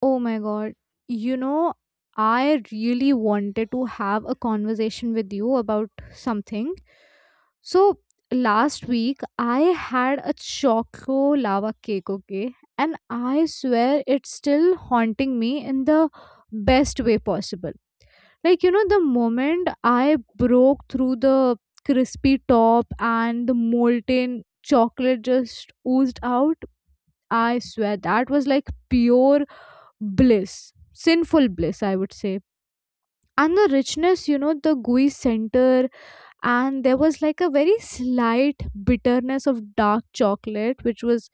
Oh my God. You know, I really wanted to have a conversation with you about something. So, last week I had a choco lava cake, okay? And I swear it's still haunting me in the best way possible. Like, you know, the moment I broke through the crispy top and the molten chocolate just oozed out, I swear that was like pure bliss, sinful bliss, I would say. And the richness, you know, the gooey center. And there was like a very slight bitterness of dark chocolate, which was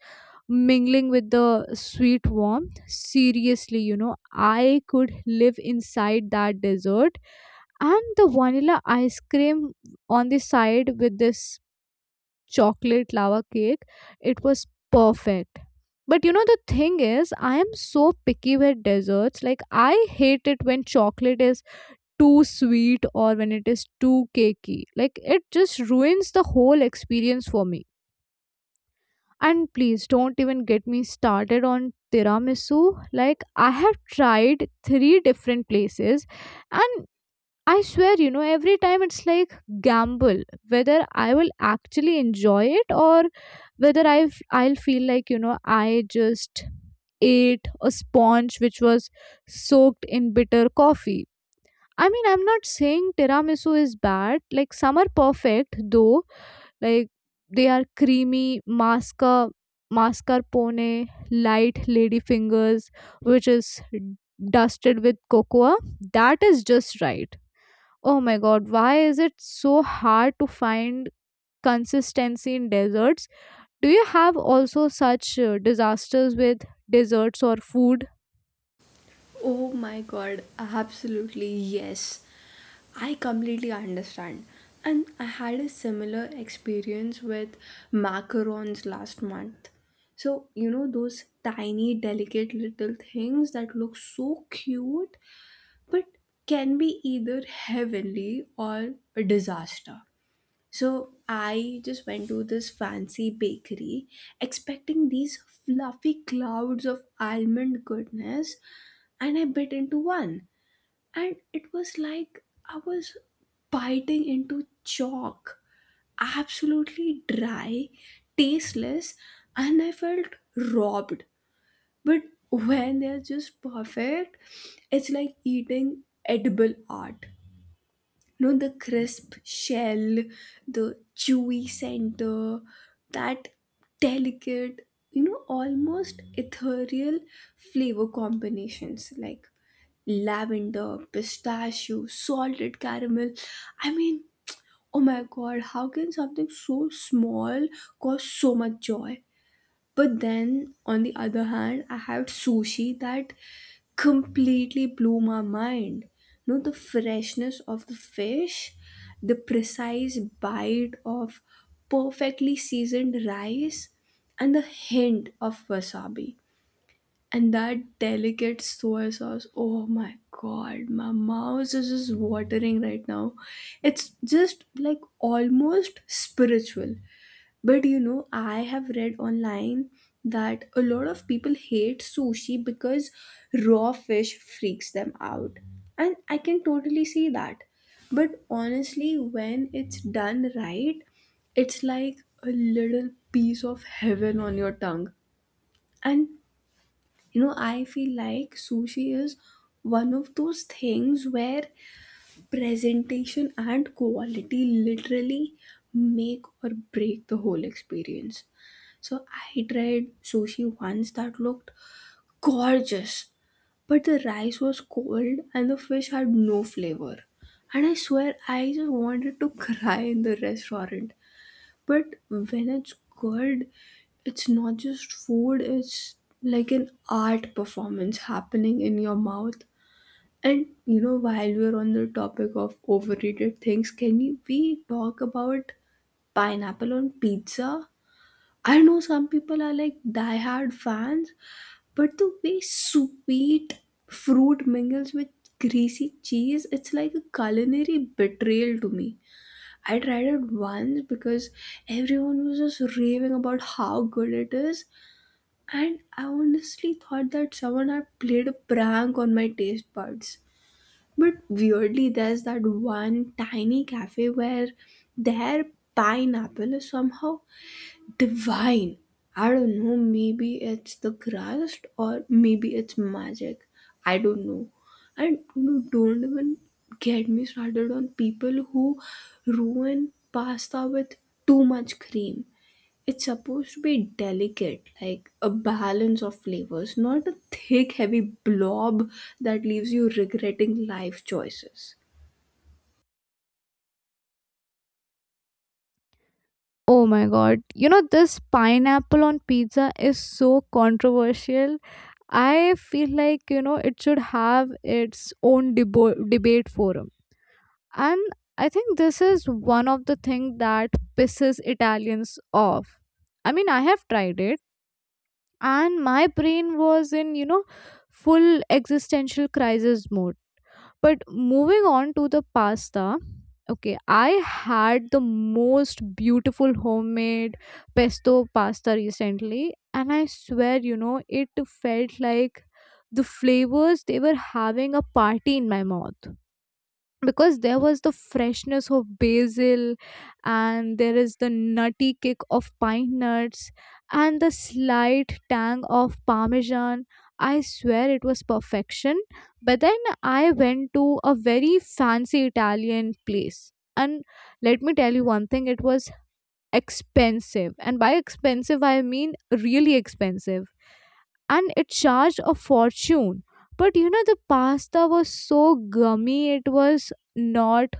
mingling with the sweet warmth. Seriously, you know, I could live inside that dessert. And the vanilla ice cream on the side with this chocolate lava cake. It was perfect. But you know, the thing is, I am so picky with desserts. Like, I hate it when chocolate is too sweet or when it is too cakey. Like, it just ruins the whole experience for me. And please don't even get me started on tiramisu. Like, I have tried three different places, and I swear, you know, every time it's like gamble whether I will actually enjoy it or whether I'll feel like, you know, I just ate a sponge which was soaked in bitter coffee. I mean, I'm not saying tiramisu is bad. Like some are perfect though. Like they are creamy mascarpone, light ladyfingers, which is dusted with cocoa. That is just right. Oh my god, why is it so hard to find consistency in desserts? Do you have also such disasters with desserts or food? Oh my god, absolutely yes. I completely understand. And I had a similar experience with macarons last month. So, those tiny, delicate little things that look so cute but can be either heavenly or a disaster. So I just went to this fancy bakery expecting these fluffy clouds of almond goodness, and I bit into one, and it was like I was biting into chalk, absolutely dry, tasteless, and I felt robbed. But when they're just perfect, it's like eating edible art. The crisp shell, the chewy center, that delicate, almost ethereal flavor combinations like lavender, pistachio, salted caramel. I mean, oh my god, how can something so small cause so much joy? But then, on the other hand, I had sushi that completely blew my mind. The freshness of the fish, the precise bite of perfectly seasoned rice, and the hint of wasabi. And that delicate soy sauce, oh my god, my mouth is just watering right now. It's just like almost spiritual. But I have read online that a lot of people hate sushi because raw fish freaks them out. And I can totally see that. But honestly, when it's done right, it's like a little piece of heaven on your tongue. And I feel like sushi is one of those things where presentation and quality literally make or break the whole experience. So I tried sushi once that looked gorgeous, but the rice was cold and the fish had no flavor. And I swear I just wanted to cry in the restaurant. But when it's good, it's not just food, it's like an art performance happening in your mouth. And while we're on the topic of overrated things, can we talk about pineapple on pizza? I know some people are like diehard fans, but the way sweet fruit mingles with greasy cheese, it's like a culinary betrayal to me. I tried it once because everyone was just raving about how good it is, and I honestly thought that someone had played a prank on my taste buds. But weirdly, there's that one tiny cafe where their pineapple is somehow divine. I don't know, maybe it's the crust, or maybe it's magic. I don't know. And you don't even get me started on people who ruin pasta with too much cream. It's supposed to be delicate, like a balance of flavors, not a thick, heavy blob that leaves you regretting life choices. Oh my god, you know, this pineapple on pizza is so controversial. I feel like, you know, it should have its own debate forum. And I think this is one of the things that pisses Italians off. I mean, I have tried it, and my brain was in, you know, full existential crisis mode. But moving on to the pasta, okay, I had the most beautiful homemade pesto pasta recently, and I swear, you know, it felt like the flavors, they were having a party in my mouth. Because there was the freshness of basil, and there is the nutty kick of pine nuts, and the slight tang of parmesan. I swear it was perfection. But then I went to a very fancy Italian place, and let me tell you one thing, it was expensive. And by expensive, I mean really expensive. And it charged a fortune. But you know, the pasta was so gummy, it was not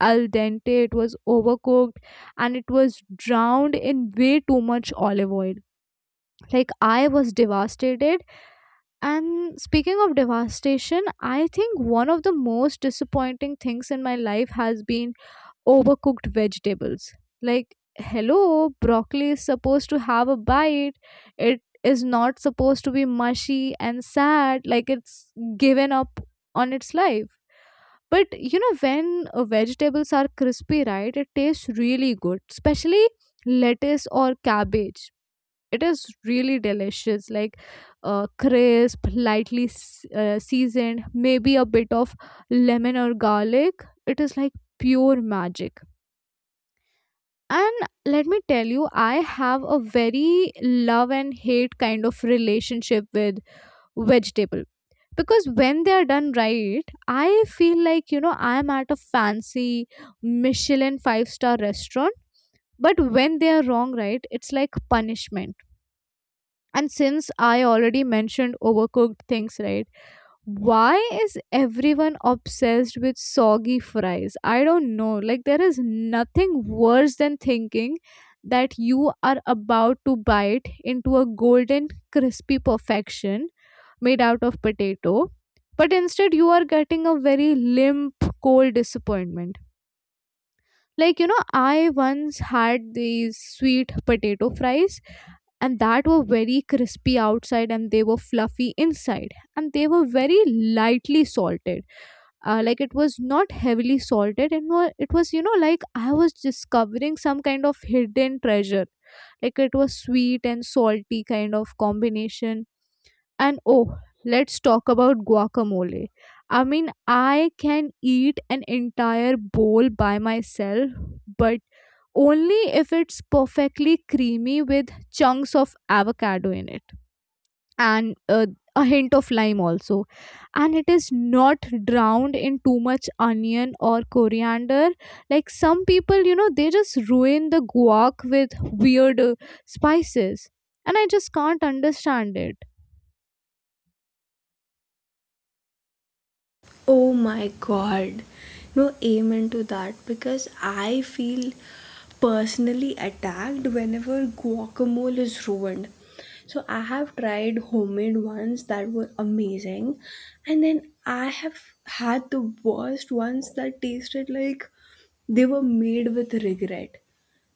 al dente, it was overcooked, and it was drowned in way too much olive oil. Like, I was devastated. And speaking of devastation, I think one of the most disappointing things in my life has been overcooked vegetables. Like, hello, broccoli is supposed to have a bite. It is not supposed to be mushy and sad, like it's given up on its life. But you know, when vegetables are crispy, right, it tastes really good, especially lettuce or cabbage. It is really delicious, like crisp, lightly seasoned, maybe a bit of lemon or garlic. It is like pure magic. And let me tell you, I have a very love and hate kind of relationship with vegetable. Because when they are done right, I feel like, you know, I am at a fancy Michelin five star restaurant. But when they are wrong, right, it's like punishment. And since I already mentioned overcooked things, right? Why is everyone obsessed with soggy fries? I don't know. Like, there is nothing worse than thinking that you are about to bite into a golden, crispy perfection made out of potato, but instead you are getting a very limp, cold disappointment. Like, you know, I once had these sweet potato fries, and that were very crispy outside, and they were fluffy inside, and they were very lightly salted, like it was not heavily salted, and it was, you know, like I was discovering some kind of hidden treasure. Like, it was sweet and salty kind of combination. And oh, let's talk about guacamole. I mean, I can eat an entire bowl by myself, but only if it's perfectly creamy with chunks of avocado in it, and a hint of lime also, and it is not drowned in too much onion or coriander. Like, some people, you know, they just ruin the guac with weird spices, and I just can't understand it. Oh my god. No, amen to that because I feel personally attacked whenever guacamole is ruined. So I have tried homemade ones that were amazing, and then I have had the worst ones that tasted like they were made with regret.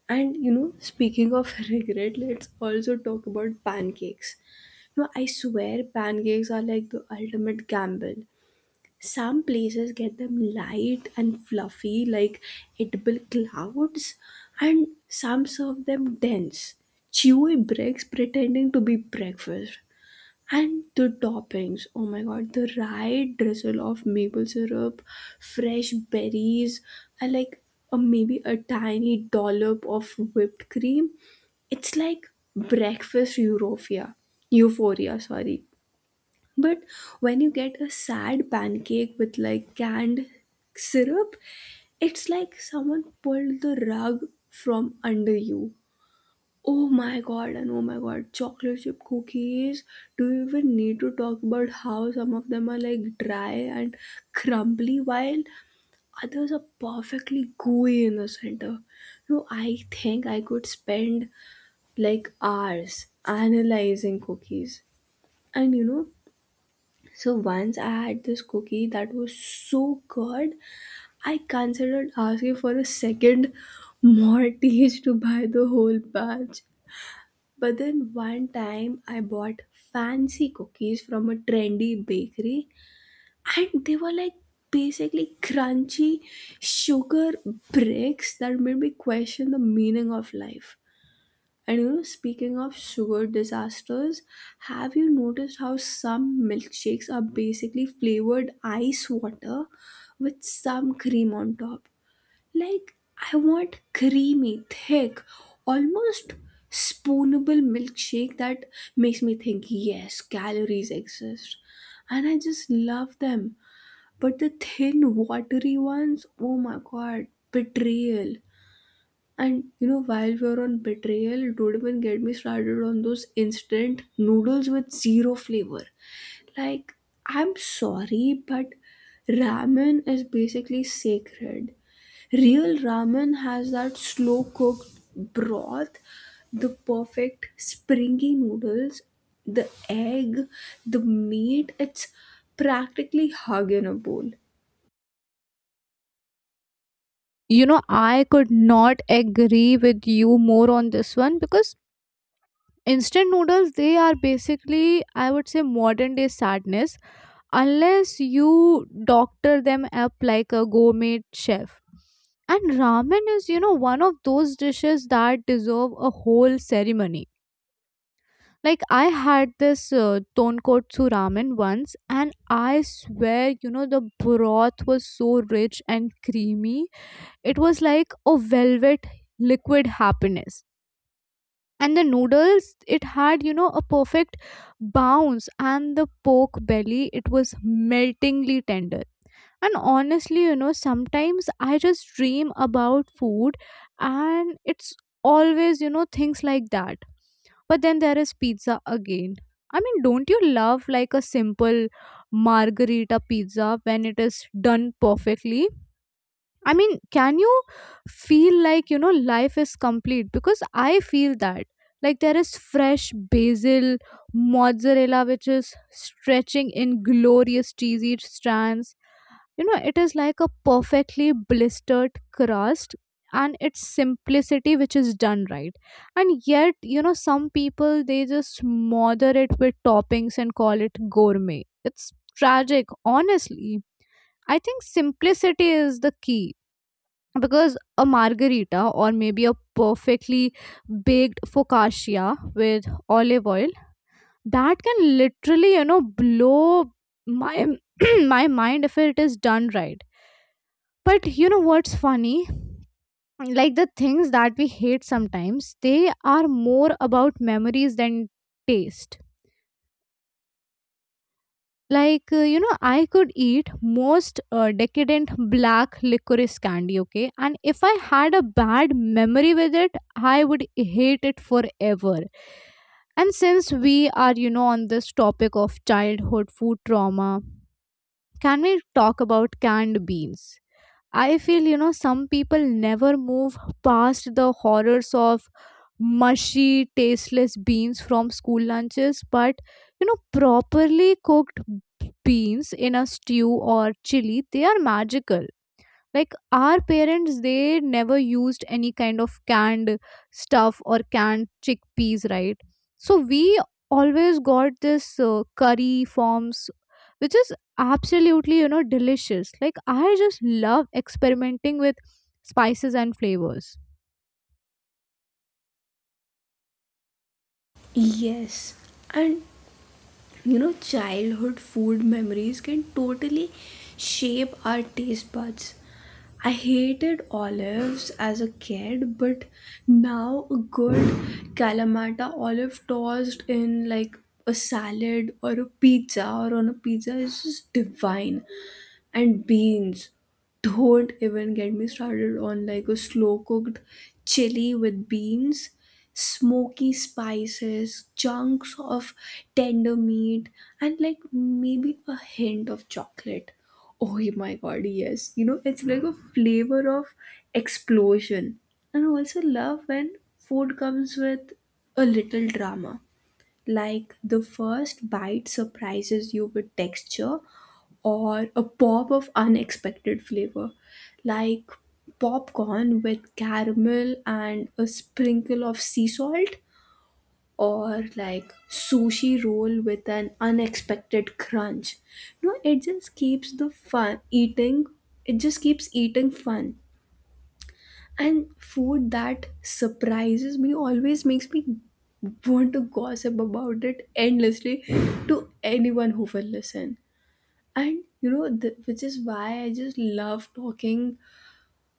And speaking of regret, let's also talk about pancakes. No, I swear pancakes are like the ultimate gamble. Some places get them light and fluffy, like edible clouds, and some serve them dense, chewy bricks pretending to be breakfast. And the toppings, oh my god, the right drizzle of maple syrup, fresh berries, and like a, maybe a tiny dollop of whipped cream. It's like breakfast euphoria. Euphoria, sorry. But when you get a sad pancake with like canned syrup, it's like someone pulled the rug from under you. Oh my god, and oh my god, chocolate chip cookies. Do you even need to talk about how some of them are like dry and crumbly while others are perfectly gooey in the center? No, I think I could spend like hours analyzing cookies. And so once I had this cookie that was so good, I considered asking for a second mortgage to buy the whole batch. But then one time I bought fancy cookies from a trendy bakery, and they were like basically crunchy sugar bricks that made me question the meaning of life. And speaking of sugar disasters, have you noticed how some milkshakes are basically flavored ice water with some cream on top? Like, I want creamy, thick, almost spoonable milkshake that makes me think, yes, calories exist. And I just love them. But the thin, watery ones, oh my god, betrayal. And while we were on betrayal, don't even get me started on those instant noodles with zero flavor. Like, I'm sorry, but ramen is basically sacred. Real ramen has that slow cooked broth, the perfect springy noodles, the egg, the meat. It's practically hug in a bowl. You know, I could not agree with you more on this one. Because instant noodles, they are basically, I would say, modern day sadness, unless you doctor them up like a gourmet chef. And ramen is, you know, one of those dishes that deserve a whole ceremony. Like, I had this tonkotsu ramen once, and I swear, you know, the broth was so rich and creamy, it was like a velvet liquid happiness. And the noodles, it had, you know, a perfect bounce, and the pork belly, it was meltingly tender. And honestly, you know, sometimes I just dream about food, and it's always, you know, things like that. But then there is pizza again. I mean, don't you love like a simple margarita pizza when it is done perfectly? I mean, can you feel like, you know, life is complete? Because I feel that. Like, there is fresh basil, mozzarella, which is stretching in glorious cheesy strands. You know, it is like a perfectly blistered crust and its simplicity, which is done right. And yet, you know, some people, they just smother it with toppings and call it gourmet. It's tragic, honestly. I think simplicity is the key, because a margarita or maybe a perfectly baked focaccia with olive oil, that can literally, you know, blow my my mind if it is done right. But you know what's funny, like, the things that we hate sometimes, they are more about memories than taste. Like, you know, I could eat most decadent black licorice candy, okay, and if I had a bad memory with it, I would hate it forever. And since we are, you know, on this topic of childhood food trauma, can we talk about canned beans? I feel, you know, some people never move past the horrors of mushy, tasteless beans from school lunches, but, you know, properly cooked beans in a stew or chili, they are magical. Like, our parents, they never used any kind of canned stuff or canned chickpeas, right? So we always got this curry forms, which is absolutely, you know, delicious. Like, I just love experimenting with spices and flavors. Yes, and childhood food memories can totally shape our taste buds. I hated olives as a kid, but now a good Kalamata olive tossed in like a salad or a pizza or on a pizza is just divine. And beans, don't even get me started on like a slow cooked chili with beans, smoky spices, chunks of tender meat, and like maybe a hint of chocolate. Oh my god, yes, it's like a flavor of explosion. And I also love when food comes with a little drama, like the first bite surprises you with texture or a pop of unexpected flavor, like popcorn with caramel and a sprinkle of sea salt, or like sushi roll with an unexpected crunch. No, it just keeps the fun eating, it just keeps eating fun. And food that surprises me always makes me want to gossip about it endlessly to anyone who will listen. And which is why I just love talking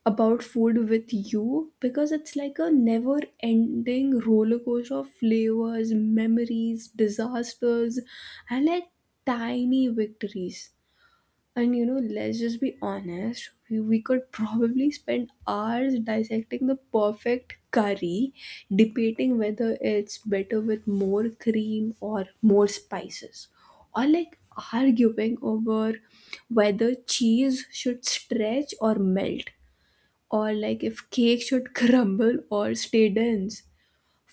about food with you because it's like a never ending roller coaster of flavors, memories, disasters, and like tiny victories. And let's just be honest, we could probably spend hours dissecting the perfect curry, debating whether it's better with more cream or more spices, or like arguing over whether cheese should stretch or melt, or like if cake should crumble or stay dense.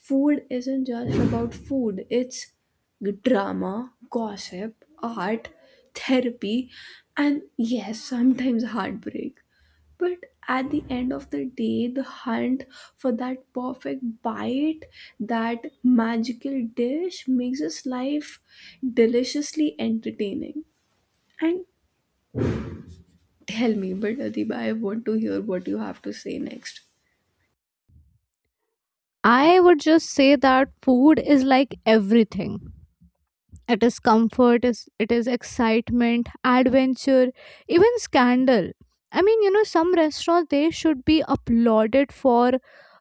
Food isn't just about food, it's drama, gossip, art, therapy, and yes, sometimes heartbreak. But at the end of the day, the hunt for that perfect bite, that magical dish makes us life deliciously entertaining. And tell me, but Adiba, I want to hear what you have to say next. I would just say that food is like everything. It is comfort, it is excitement, adventure, even scandal. I mean, you know, some restaurants, they should be applauded for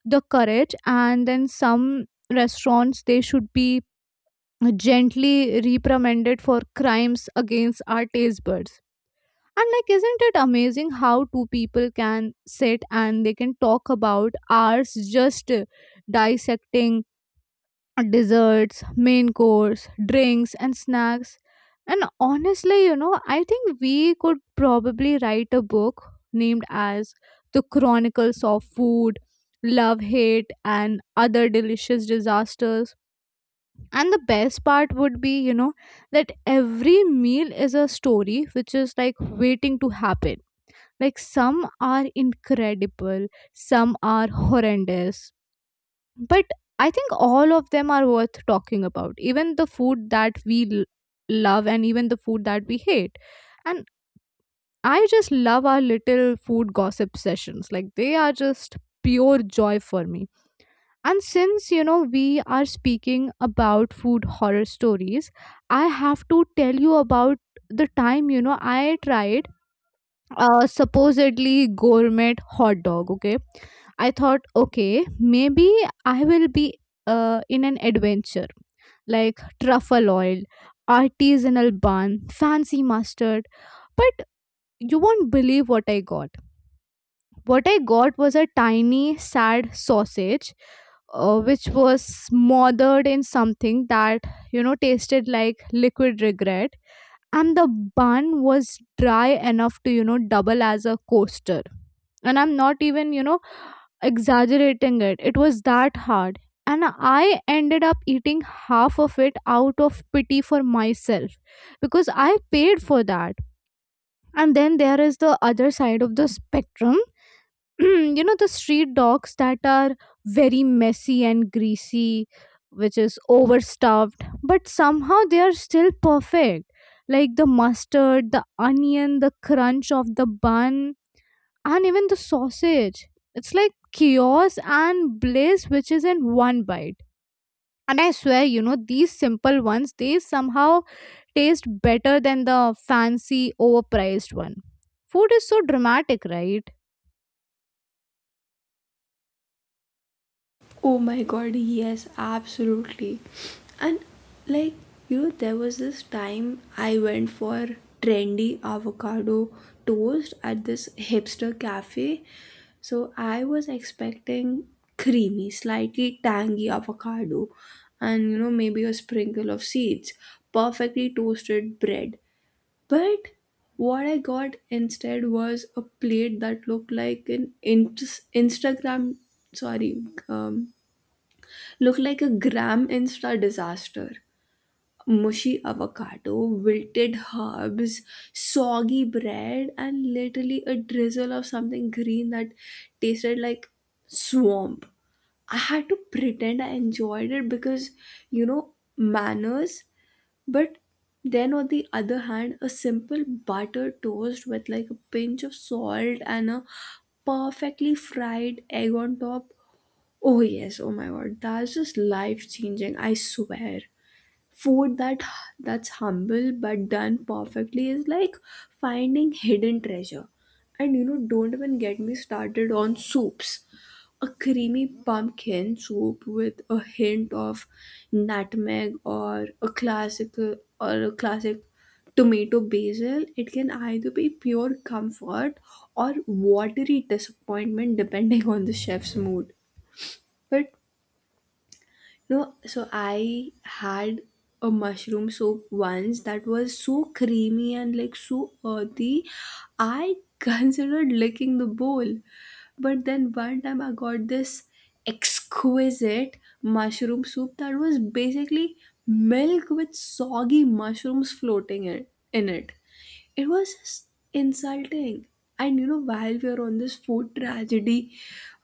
the courage, and then some restaurants, they should be gently reprimanded for crimes against our taste buds. And like, isn't it amazing how two people can sit and they can talk about ours, just dissecting desserts, main course, drinks, and snacks. And honestly, you know, I think we could probably write a book named as The Chronicles of Food, Love, Hate, and Other Delicious Disasters. And the best part would be, you know, that every meal is a story which is like waiting to happen. Like, some are incredible, some are horrendous, but I think all of them are worth talking about, even the food that we love, and even the food that we hate. And I just love our little food gossip sessions. Like, they are just pure joy for me. And since, you know, we are speaking about food horror stories, I have to tell you about the time, you know, I tried supposedly gourmet hot dog. Okay, I thought, okay, maybe I will be in an adventure, like truffle oil, artisanal bun, fancy mustard. But you won't believe what I got. What I got was a tiny, sad sausage, which was smothered in something that, you know, tasted like liquid regret. And the bun was dry enough to, you know, double as a coaster. And I'm not even, you know, exaggerating it. It was that hard. And I ended up eating half of it out of pity for myself, because I paid for that. And then there is the other side of the spectrum. You know, the street dogs that are very messy and greasy, which is overstuffed, but somehow they are still perfect. Like, the mustard, the onion, the crunch of the bun, and even the sausage. It's like chaos and bliss, which is in one bite. And I swear, you know, these simple ones, they somehow taste better than the fancy overpriced one. Food is so dramatic, right? Oh my god, yes, absolutely. And like, there was this time I went for trendy avocado toast at this hipster cafe. So I was expecting creamy, slightly tangy avocado, and maybe a sprinkle of seeds, perfectly toasted bread. But what I got instead was a plate that looked like an Instagram, sorry, um, looked like a gram insta disaster. Mushy avocado, wilted herbs, soggy bread, and literally a drizzle of something green that tasted like swamp. I had to pretend I enjoyed it because, manners. But then, on the other hand, a simple buttered toast with like a pinch of salt and a perfectly fried egg on top. Oh yes, oh my god, that's just life changing, I swear. Food that's humble but done perfectly is like finding hidden treasure. And don't even get me started on soups. A creamy pumpkin soup with a hint of nutmeg, or a classic tomato basil, it can either be pure comfort or watery disappointment depending on the chef's mood. But no, so I had a mushroom soup once that was so creamy and like so earthy. I considered licking the bowl. But then one time I got this exquisite mushroom soup that was basically milk with soggy mushrooms floating in it. It was just insulting. And while we are on this food tragedy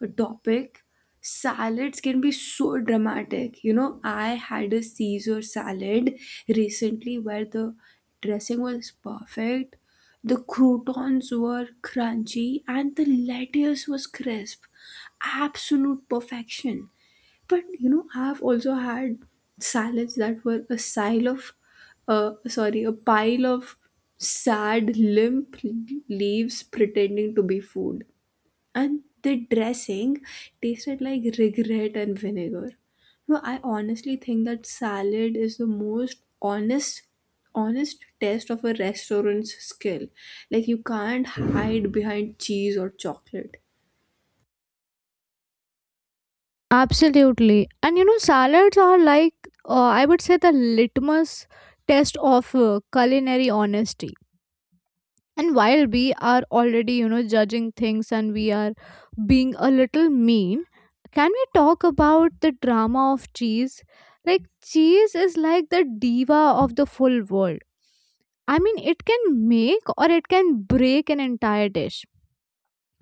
topic, salads can be so dramatic. I had a caesar salad recently where the dressing was perfect, the croutons were crunchy, and the lettuce was crisp, absolute perfection. But I've also had salads that were a pile of sad, limp leaves pretending to be food, and the dressing tasted like regret and vinegar. No, I honestly think that salad is the most honest test of a restaurant's skill. Like you can't hide behind cheese or chocolate. Absolutely. And you know, salads are like, I would say, the litmus test of culinary honesty. And while we are already, you know, judging things and we are being a little mean, can we talk about the drama of cheese? Like, cheese is like the diva of the full world. I mean, it can make or it can break an entire dish.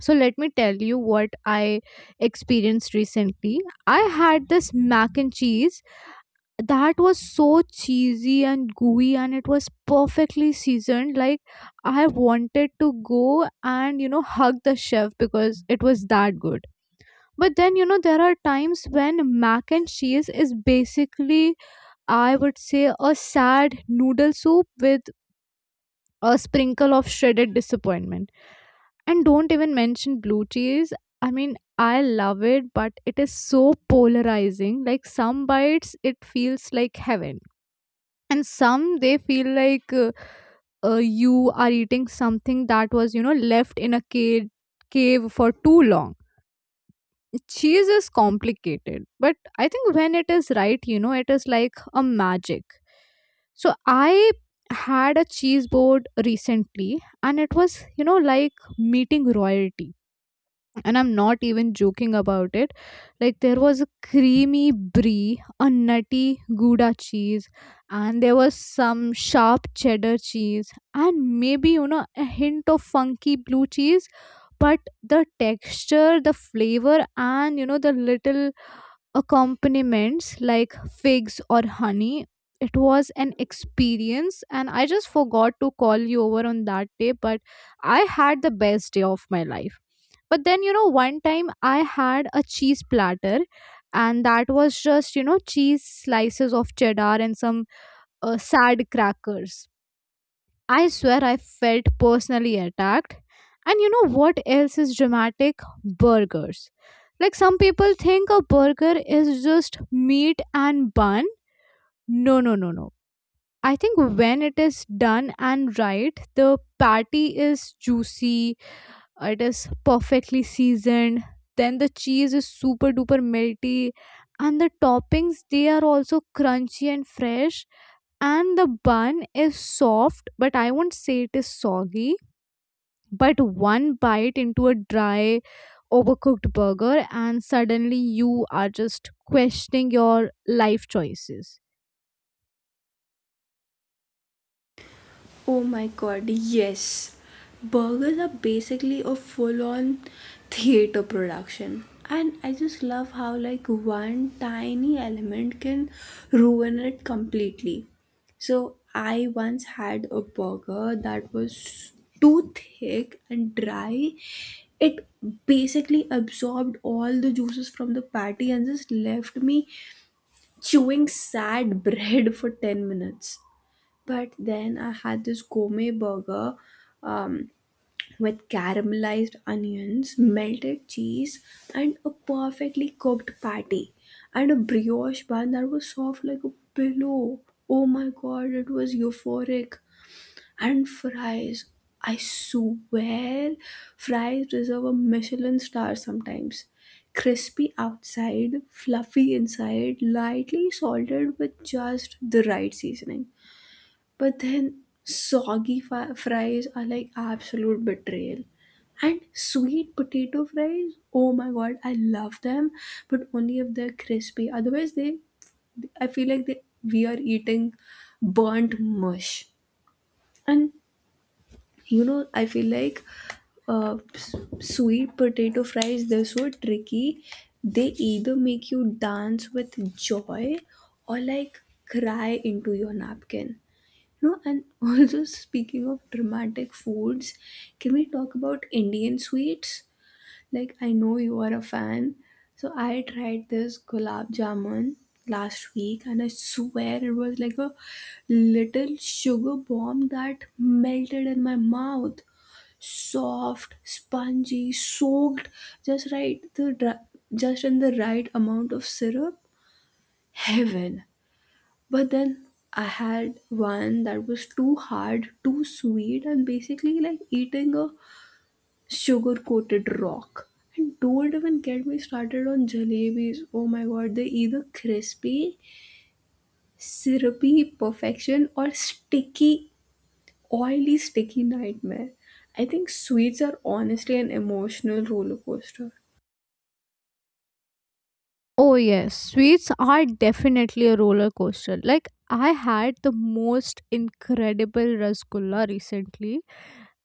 So let me tell you what I experienced recently. I had this mac and cheese that was so cheesy and gooey, and it was perfectly seasoned. Like, I wanted to go and you know hug the chef because it was that good. But then you know there are times when mac and cheese is basically, I would say, a sad noodle soup with a sprinkle of shredded disappointment, and don't even mention blue cheese. I mean, I love it, but it is so polarizing. Like, some bites it feels like heaven, and some they feel like you are eating something that was, you know, left in a cave for too long. Cheese is complicated, but I think when it is right, you know, it is like a magic. So I had a cheese board recently, and it was, you know, like meeting royalty, and I'm not even joking about it. Like, there was a creamy brie, a nutty gouda cheese, and there was some sharp cheddar cheese, and maybe you know a hint of funky blue cheese. But the texture, the flavor, and you know the little accompaniments like figs or honey. It was an experience, and I just forgot to call you over on that day, but I had the best day of my life. But then, you know, one time I had a cheese platter, and that was just, you know, cheese slices of cheddar and some sad crackers. I swear I felt personally attacked. And you know what else is dramatic? Burgers. Like, some people think a burger is just meat and bun. No, no, no, no. I think when it is done and right, the patty is juicy, it is perfectly seasoned, then the cheese is super duper melty, and the toppings, they are also crunchy and fresh, and the bun is soft, but I won't say it is soggy. But one bite into a dry, overcooked burger and suddenly you are just questioning your life choices. Oh my god, yes. Burgers are basically a full-on theater production. And I just love how like one tiny element can ruin it completely. So I once had a burger that was too thick and dry. It basically absorbed all the juices from the patty and just left me chewing sad bread for 10 minutes. But then I had this gourmet burger, um, with caramelized onions, melted cheese, and a perfectly cooked patty, and a brioche bun that was soft like a pillow. Oh my god, it was euphoric. And fries. I swear, fries deserve a Michelin star sometimes. Crispy outside, fluffy inside, lightly salted with just the right seasoning. But then soggy fries are like absolute betrayal. And sweet potato fries, oh my god, I love them, but only if they're crispy. Otherwise, they I feel like they we are eating burnt mush. And I feel like sweet potato fries, they're so tricky. They either make you dance with joy or like cry into your napkin. No, and also speaking of dramatic foods, can we talk about Indian sweets? Like I know you are a fan. So I tried this gulab jamun last week, and I swear it was like a little sugar bomb that melted in my mouth. Soft, spongy, soaked just right, just in the right amount of syrup. Heaven. But then I had one that was too hard, too sweet, and basically like eating a sugar coated rock. And don't even get me started on jalebis. Oh my god, they're either crispy, syrupy perfection, or sticky, oily, sticky nightmare. I think sweets are honestly an emotional roller coaster. Oh yes, sweets are definitely a roller coaster. Like, I had the most incredible rasgulla recently,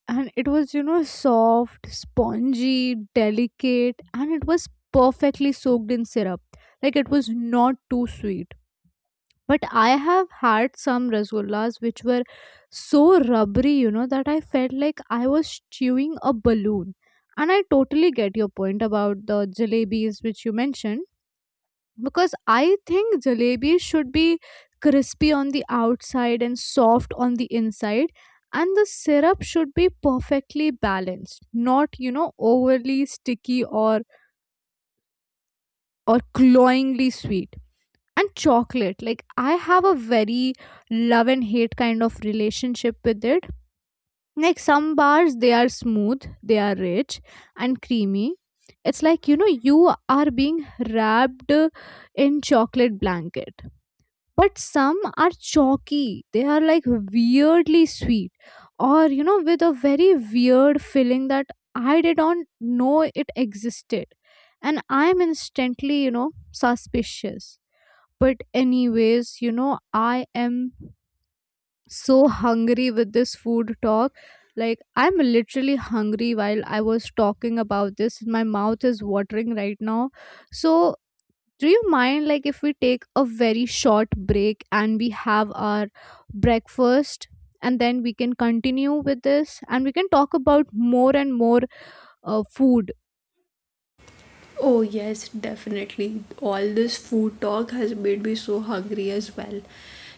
and it was, you know, soft, spongy, delicate, and it was perfectly soaked in syrup. Like, it was not too sweet. But I have had some rasgullas which were so rubbery, you know, that I felt like I was chewing a balloon. And I totally get your point about the jalebis which you mentioned, because I think jalebi should be crispy on the outside and soft on the inside, and the syrup should be perfectly balanced, not you know overly sticky or cloyingly sweet. And chocolate, like, I have a very love and hate kind of relationship with it. Like, some bars, they are smooth, they are rich and creamy. It's like, you know, you are being wrapped in chocolate blanket. But some are chalky, they are like weirdly sweet, or you know with a very weird feeling that I didn't know it existed, and I'm instantly, you know, suspicious. But anyways, you know, I am so hungry with this food talk. Like, I'm literally hungry. While I was talking about this, my mouth is watering right now. So, do you mind like if we take a very short break and we have our breakfast, and then we can continue with this and we can talk about more and more food. Oh, yes, definitely. All this food talk has made me so hungry as well.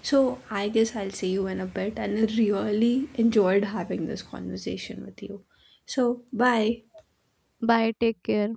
So, I guess I'll see you in a bit, and I really enjoyed having this conversation with you. So, bye. Bye, take care.